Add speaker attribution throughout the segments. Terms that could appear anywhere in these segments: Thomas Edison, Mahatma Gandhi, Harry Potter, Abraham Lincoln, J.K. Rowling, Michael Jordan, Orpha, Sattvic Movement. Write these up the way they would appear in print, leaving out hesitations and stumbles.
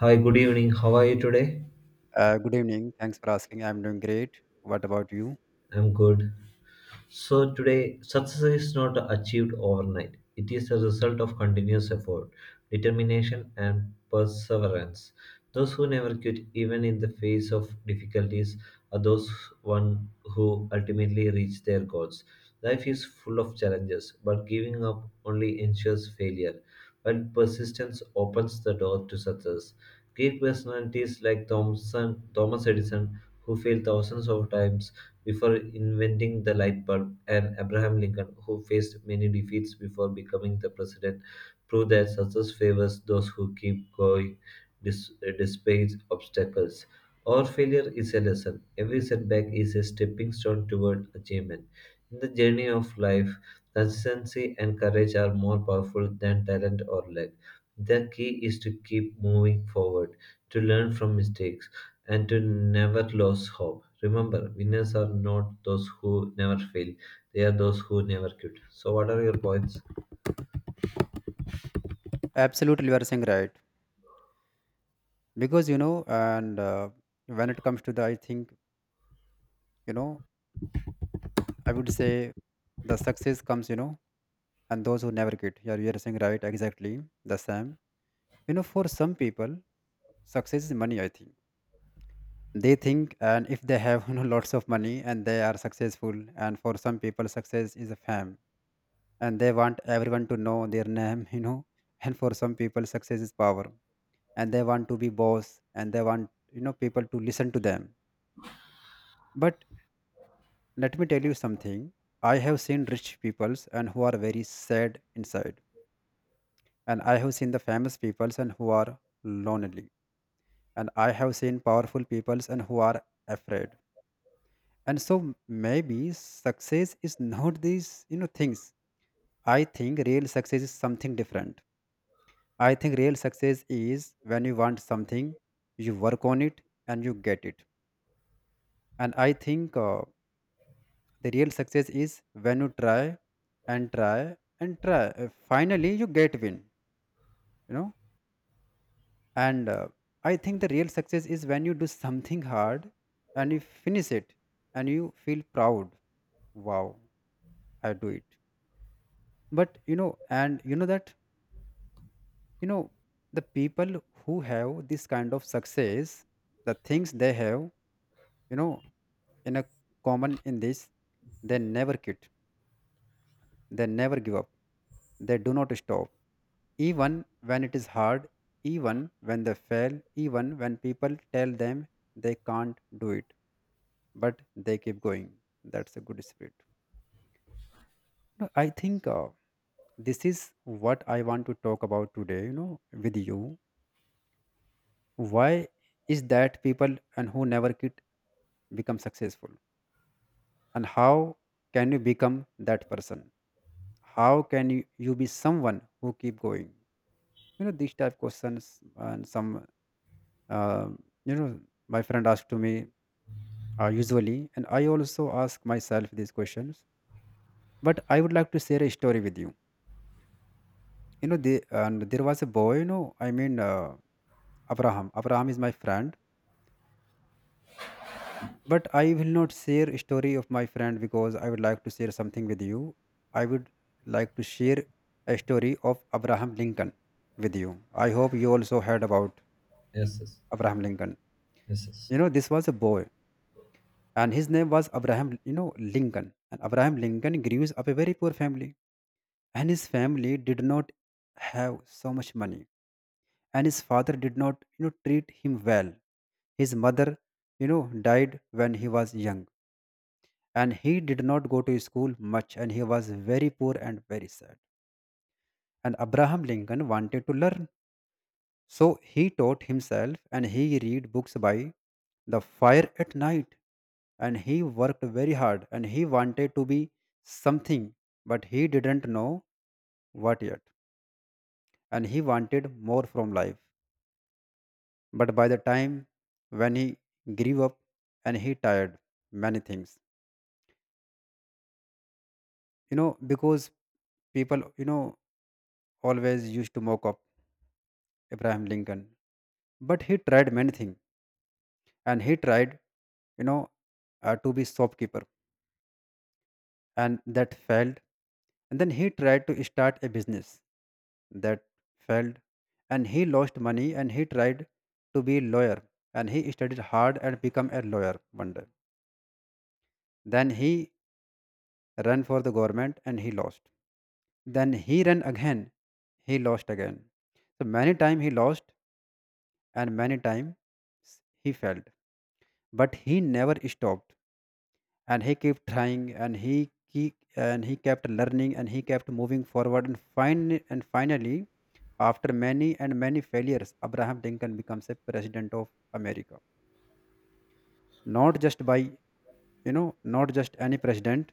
Speaker 1: Hi, good evening. How are you today?
Speaker 2: Good evening. Thanks for asking. I'm doing great. What about you?
Speaker 1: I'm good. So today, success is not achieved overnight. It is the result of continuous effort, determination, and perseverance. Those who never quit, even in the face of difficulties, are those one who ultimately reach their goals. Life is full of challenges, but giving up only ensures failure, while persistence opens the door to success. Great personalities like Thomson, Thomas Edison, who failed thousands of times, before inventing the light bulb, and Abraham Lincoln, who faced many defeats before becoming the president, proved that success favors those who keep going despite obstacles. Our failure is a lesson. Every setback is a stepping stone toward achievement. In the journey of life, consistency and courage are more powerful than talent or luck. The key is to keep moving forward, to learn from mistakes and to never lose hope. Remember, winners are not those who never fail; they are those who never quit. So, what are your points?
Speaker 2: Absolutely, you are saying right. Because you know, and when it comes to the, I think you know, I would say the success comes, you know, and those who never get. Yeah, you are saying right. Exactly the same. You know, for some people, success is money. I think they think, and if they have you know lots of money and they are successful, and for some people, success is a fame, and they want everyone to know their name. You know, and for some people, success is power and they want to be boss and they want you know people to listen to them, but let me tell you something. I have seen rich peoples and who are very sad inside, and I have seen the famous peoples and who are lonely, and I have seen powerful peoples and who are afraid. And so maybe success is not these you know things. I think real success is something different. I think real success is when you want something, you work on it, and you get it. And I think the real success is when you try and try and try. Finally, you get win. You know, and I think the real success is when you do something hard and you finish it and you feel proud. Wow, I do it. But you know, and you know that you know the people who have this kind of success, the things they have, you know, in a common in this, they never quit. They never give up. They do not stop. Even when it is hard, even when they fail, even when people tell them they can't do it, but they keep going. That's a good spirit. No, I think this is what I want to talk about today, you know, with you. Why is that people and who never quit become successful? And how can you become that person? How can you be someone who keep going? You know, these type questions and some, uh, you know, my friend asked to me usually, and I also ask myself these questions. But I would like to share a story with you. You know, the, and there was a boy, you know, I mean, Abraham. Abraham is my friend. But I will not share a story of my friend because I would like to share something with you. I would like to share a story of Abraham Lincoln with you. I hope you also heard about
Speaker 1: Yes, yes,
Speaker 2: Abraham Lincoln.
Speaker 1: yes. Yes.
Speaker 2: You know, this was a boy and his name was Abraham, you know, Lincoln. And Abraham Lincoln grew up a very poor family, and his family did not have so much money, and his father did not, you know, treat him well. His mother, you know, died when he was young, and he did not go to school much, and he was very poor and very sad. And Abraham Lincoln wanted to learn. So he taught himself and he read books by the fire at night, and he worked very hard and he wanted to be something, but he didn't know what yet, and he wanted more from life. But by the time when he grew up, and he tired many things you know because people you know always used to mock up Abraham Lincoln. But he tried many things, and he tried, you know, to be shopkeeper, and that failed. And then he tried to start a business, that failed. And he lost money, and he tried to be lawyer, and he studied hard and become a lawyer one day. Then he ran for the government and he lost. Then he ran again, he lost again. So many time he lost, and many times he failed. But he never stopped, and he kept trying and he he kept learning and he kept moving forward and finally, after many and many failures, Abraham Lincoln becomes a president of America. Not just by you know, not just any president.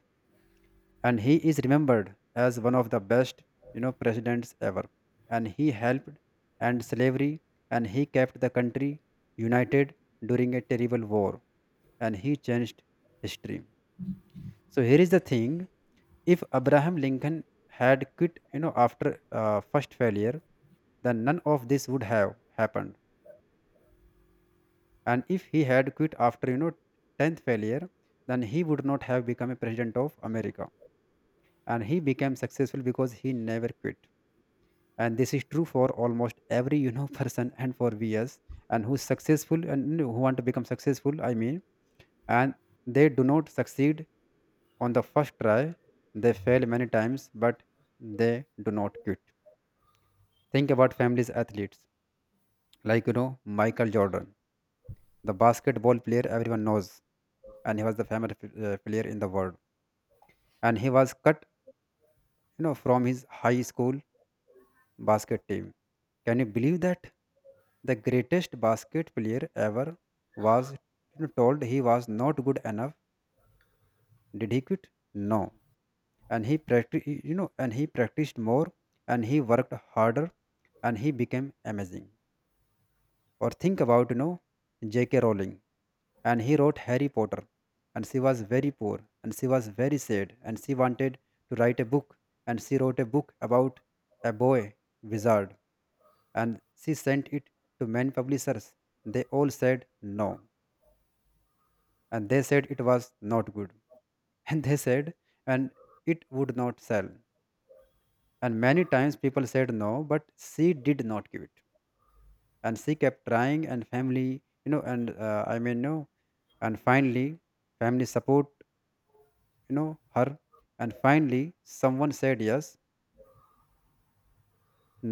Speaker 2: And he is remembered as one of the best, you know, presidents ever. And he helped end slavery, and he kept the country united during a terrible war, and he changed history. So here is the thing. If Abraham Lincoln had quit, you know, after first failure, then none of this would have happened. And if he had quit after, you know, tenth failure, then he would not have become a president of America. And he became successful because he never quit. And this is true for almost every, you know, person and for we us and who's successful and who want to become successful, I mean, and they do not succeed on the first try. They fail many times, but they do not quit. Think about families athletes like you know Michael Jordan, the basketball player everyone knows, and he was the famous player in the world. And he was cut, you know, from his high school basket team. Can you believe that the greatest basket player ever was you know, told he was not good enough? Did he quit? No. And he practiced, you know, and he practiced more, and he worked harder, and he became amazing. Or think about, you know, J.K. Rowling, and he wrote Harry Potter, and she was very poor, and she was very sad, and she wanted to write a book, and she wrote a book about a boy wizard, and she sent it to many publishers. They all said no, and they said it was not good and they said and it would not sell, and many times people said no, but she did not give it, and she kept trying and family you know and I mean no, and finally family support you know her, and finally someone said yes.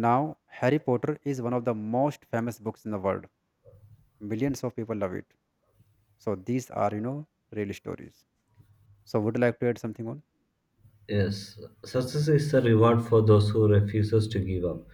Speaker 2: Now Harry Potter is one of the most famous books in the world, millions of people love it. So these are you know real stories. So would you like to add something on?
Speaker 1: Yes, success is the reward for those who refuses to give up.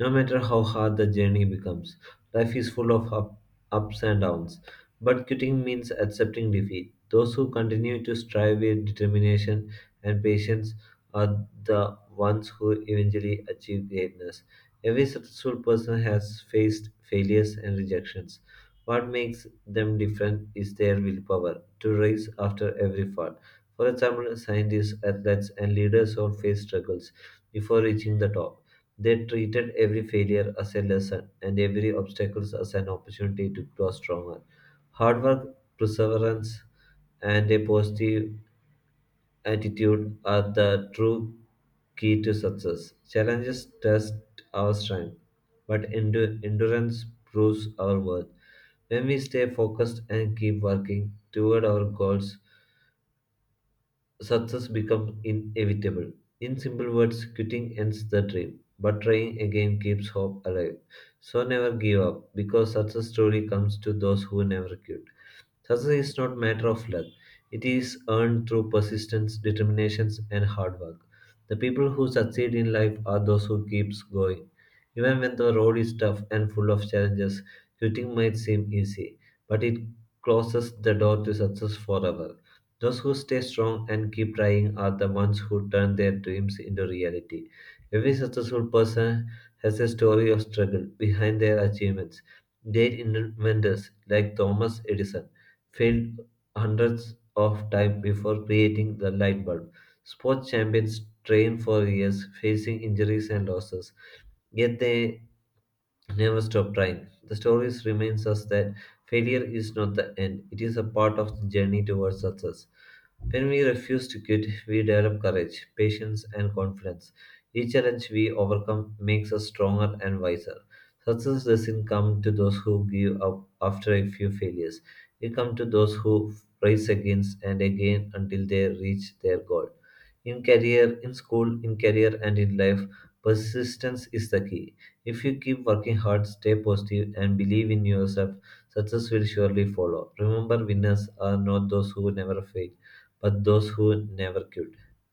Speaker 1: No matter how hard the journey becomes, life is full of ups and downs. But quitting means accepting defeat. Those who continue to strive with determination and patience are the ones who eventually achieve greatness. Every successful person has faced failures and rejections. What makes them different is their willpower to rise after every fall. For example, scientists, athletes, and leaders all faced struggles before reaching the top. They treated every failure as a lesson and every obstacle as an opportunity to grow stronger. Hard work, perseverance, and a positive attitude are the true key to success. Challenges test our strength, but endurance proves our worth. When we stay focused and keep working toward our goals, success becomes inevitable. In simple words, quitting ends the dream, but trying again keeps hope alive. So never give up, because success truly comes to those who never quit. Success is not matter of luck. It is earned through persistence, determination, and hard work. The people who succeed in life are those who keeps going. Even when the road is tough and full of challenges, quitting might seem easy, but it closes the door to success forever. Those who stay strong and keep trying are the ones who turn their dreams into reality. Every successful person has a story of struggle behind their achievements. Great inventors like Thomas Edison failed hundreds of times before creating the light bulb. Sports champions train for years, facing injuries and losses, yet they never stop trying. The stories reminds us that failure is not the end; it is a part of the journey towards success. When we refuse to quit, we develop courage, patience, and confidence. Each challenge we overcome makes us stronger and wiser. Success doesn't come to those who give up after a few failures. It comes to those who rise again and again until they reach their goal. In career, in school, in career, and in life, persistence is the key. If you keep working hard, stay positive, and believe in yourself, success will surely follow. Remember, winners are not those who never fail but those who never quit.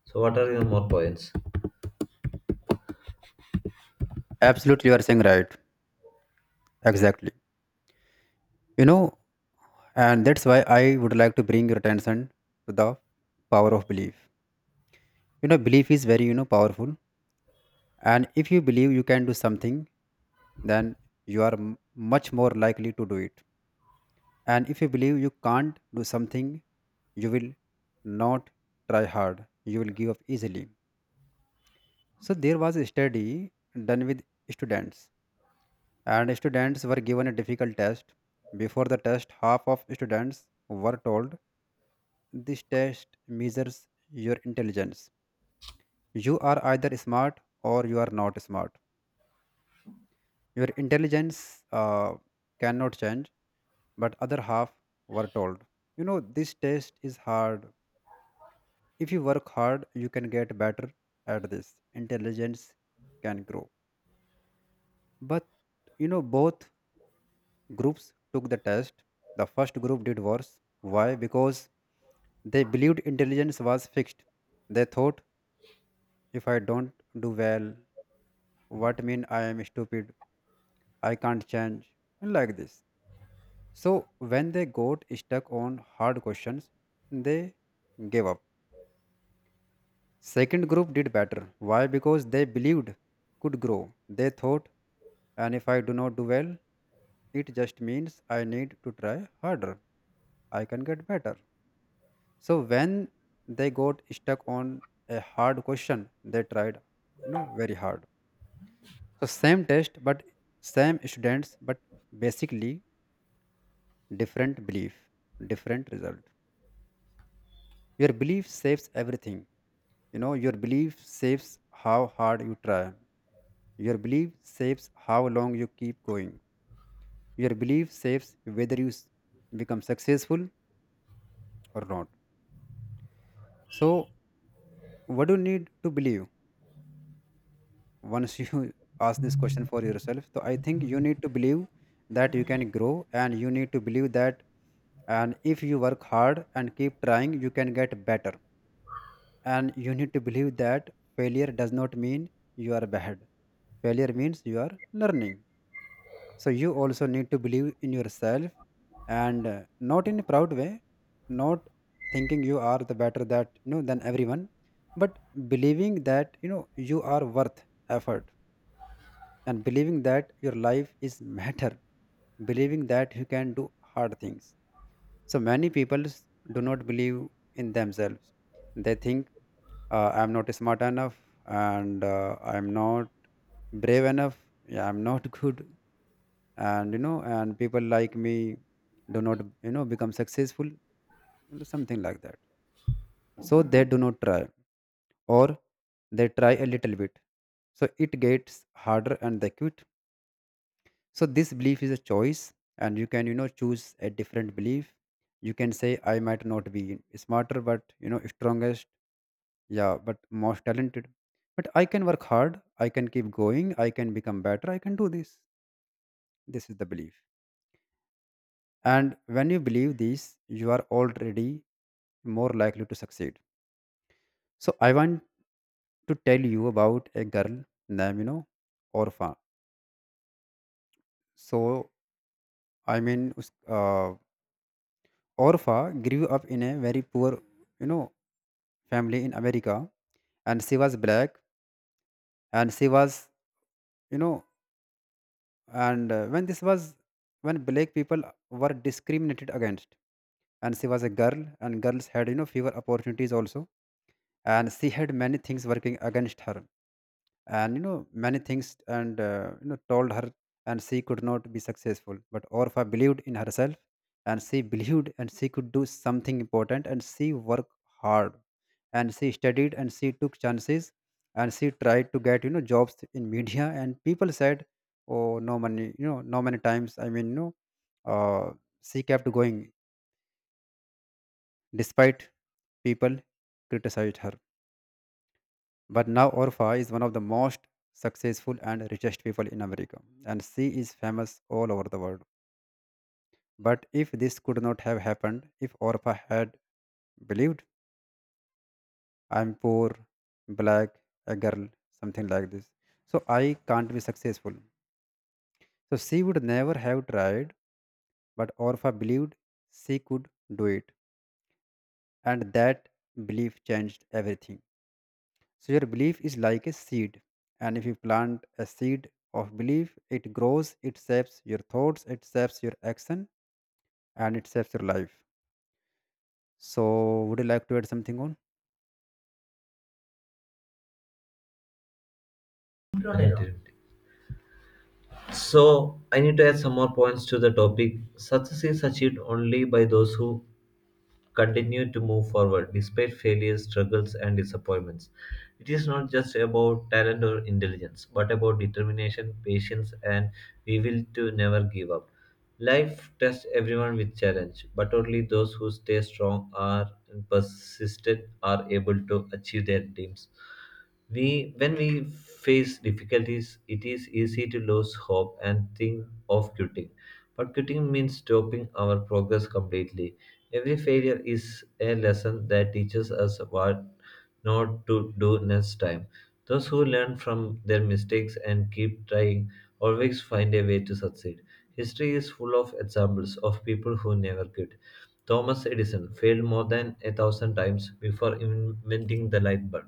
Speaker 1: So, what are your more points?
Speaker 2: Absolutely, you are saying right. Exactly, you know. And that's why I would like to bring your attention to the power of belief. You know, belief is very you know powerful. And if you believe you can do something, then you are much more likely to do it. And if you believe you can't do something, you will not try hard, you will give up easily. So, there was a study done with students, and students were given a difficult test. Before the test, half of students were told this test measures your intelligence. You are either smart or you are not smart. Your intelligence cannot change. But other half were told, you know, this test is hard, if you work hard you can get better at this, intelligence can grow. But you know both groups took the test. The first group did worse. Why? Because they believed intelligence was fixed. They thought if I don't do well, what mean I am stupid, I can't change, and like this. So when they got stuck on hard questions, they gave up. Second group did better. Why? Because they believed could grow. They thought, and if I do not do well, it just means I need to try harder. I can get better. So when they got stuck on a hard question, they tried, you know, very hard. So same test, but same students, but basically different belief, different result. Your belief saves everything. You know, your belief saves how hard you try. Your belief shapes how long you keep going. Your belief shapes whether you become successful or not. So, what do you need to believe? Once you ask this question for yourself, so I think you need to believe that you can grow, and you need to believe that and if you work hard and keep trying, you can get better. And you need to believe that failure does not mean you are bad. Failure means you are learning. So you also need to believe in yourself, and not in a proud way, not thinking you are the better that than everyone, but believing that you are worth effort, and believing that your life is matter, believing that you can do hard things. So many people do not believe in themselves. They think I'm not smart enough, and I'm not brave enough. Yeah, I'm not good. And you know and people like me do not become successful, something like that. So they do not try, or they try a little bit, so it gets harder and they quit. So this belief is a choice, and you can choose a different belief. You can say, I might not be smarter, but strongest, yeah, but most talented, but I can work hard, I can keep going, I can become better, I can do this. This is the belief. And when you believe this, you are already more likely to succeed. So I want to tell you about a girl named, Orpha. So I mean, Orpha grew up in a very poor, you know, family in America, and she was black, and she was, you know, and when this was, when black people were discriminated against, and she was a girl, and girls had, fewer opportunities also, and she had many things working against her, and many things, and told her, and she could not be successful. But Orpha believed in herself, and she believed and she could do something important, and she worked hard, and she studied, and she took chances, and she tried to get jobs in media, and people said, oh, no money." No, many times. I mean, uh, she kept going despite people criticized her. But now Orpha is one of the most successful and richest people in America, and she is famous all over the world. But if this could not have happened, if Orpha had believed, I'm poor, black, a girl, something like this, so I can't be successful. So she would never have tried, but Orpha believed she could do it, and that belief changed everything. So your belief is like a seed, and if you plant a seed of belief, it grows, it shapes your thoughts, it shapes your action, and it shapes your life. So would you like to add something on?
Speaker 1: Not at all. So, I need to add some more points to the topic. Success is achieved only by those who continued to move forward despite failures, struggles, and disappointments. It is not just about talent or intelligence, but about determination, patience, and we will to never give up. Life tests everyone with challenge, but only those who stay strong are and persistent are able to achieve their dreams. We, when we face difficulties, it is easy to lose hope and think of quitting. But quitting means stopping our progress completely. Every failure is a lesson that teaches us what not to do next time. Those who learn from their mistakes and keep trying always find a way to succeed. History is full of examples of people who never quit. Thomas Edison failed more than a thousand times before inventing the light bulb,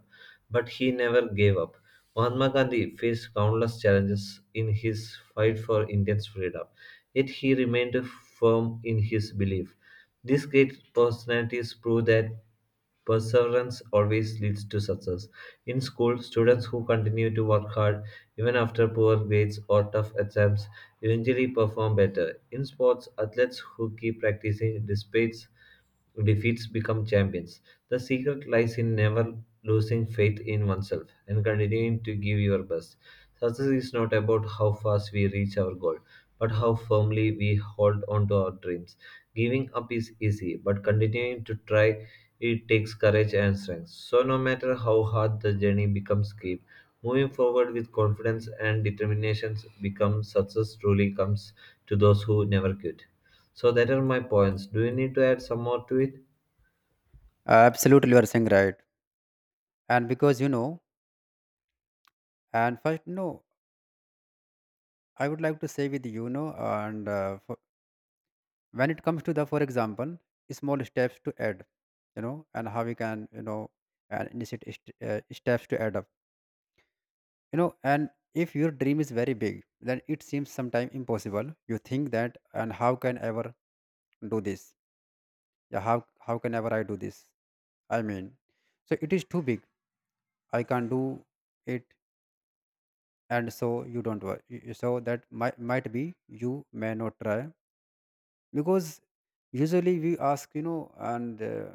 Speaker 1: but he never gave up. Mahatma Gandhi faced countless challenges in his fight for Indian freedom, yet he remained firm in his belief. These great personalities prove that perseverance always leads to success. In school, students who continue to work hard even after poor grades or tough exams eventually perform better. In sports, athletes who keep practicing despite defeats become champions. The secret lies in never losing faith in oneself and continuing to give your best. Success is not about how fast we reach our goal, but how firmly we hold on to our dreams. Giving up is easy, but continuing to try it takes courage and strength. So, no matter how hard the journey becomes steep, moving forward with confidence and determination becomes success truly comes to those who never quit. So that are my points. Do you need to add some more to it?
Speaker 2: Absolutely, you are saying right. And because and first, no, I would like to say with you know, and for, when it comes to the, for example, small steps to add, and how we can and initiate steps to add up, and if your dream is very big, then it seems sometimes impossible. You think that, and how can ever do this. Yeah, how can ever I do this. I mean, so it is too big, I can't do it. And so you don't work. So that might be you may not try, because usually we ask you know and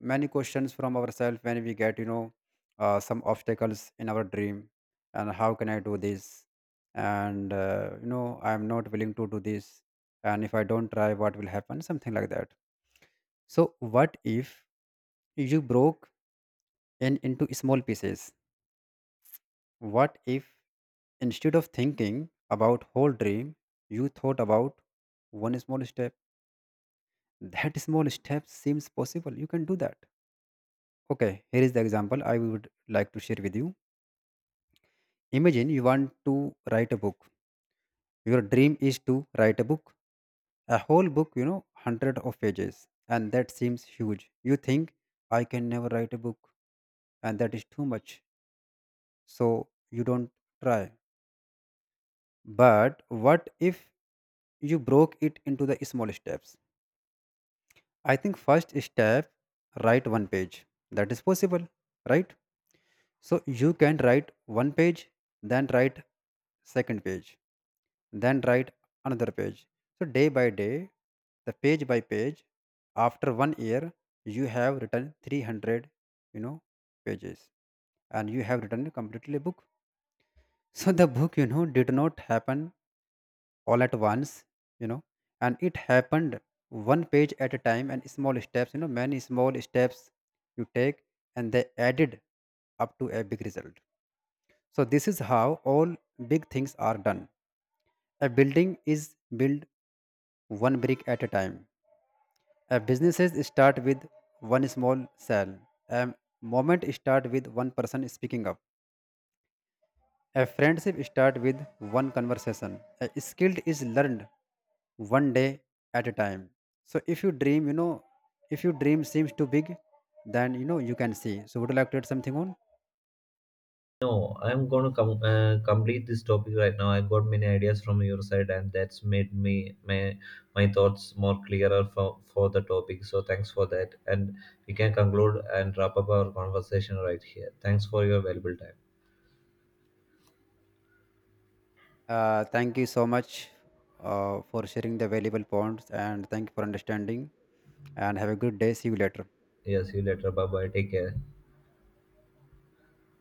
Speaker 2: many questions from ourselves when we get some obstacles in our dream. And how can I do this? And I am not willing to do this. And if I don't try, what will happen, something like that. So what if you broke in into small pieces? What if, instead of thinking about whole dream, you thought about one small step? That small step seems possible, you can do that. Okay, here is the example I would like to share with you. Imagine you want to write a book. Your dream is to write a book, a whole book, 100 of pages, and that seems huge. You think I can never write a book, and that is too much. So you don't try. But what if you broke it into the small steps? I think first step, write one page. That is possible, right? So you can write one page, then write second page, then write another page. So, day by day, the page by page, after one year, you have written 300, you know, pages, and you have written completely book. So, the book, did not happen all at once, you know, and it happened one page at a time and small steps, many small steps you take and they added up to a big result. So, this is how all big things are done. A building is built one brick at a time. A businesses start with one small sale. A moment start with one person speaking up. A friendship start with one conversation. A skill is learned one day at a time. So if you dream, if your dream seems too big, then you can see. So would you like to add something on?
Speaker 1: No, I'm gonna complete this topic right now. I got many ideas from your side, and that's made me my thoughts more clearer for the topic. So thanks for that, and we can conclude and wrap up our conversation right here. Thanks for your valuable time.
Speaker 2: Thank you so much for sharing the valuable points, and thank you for understanding, and have a good day. See you later.
Speaker 1: Yeah, see you later. Bye bye. Take care.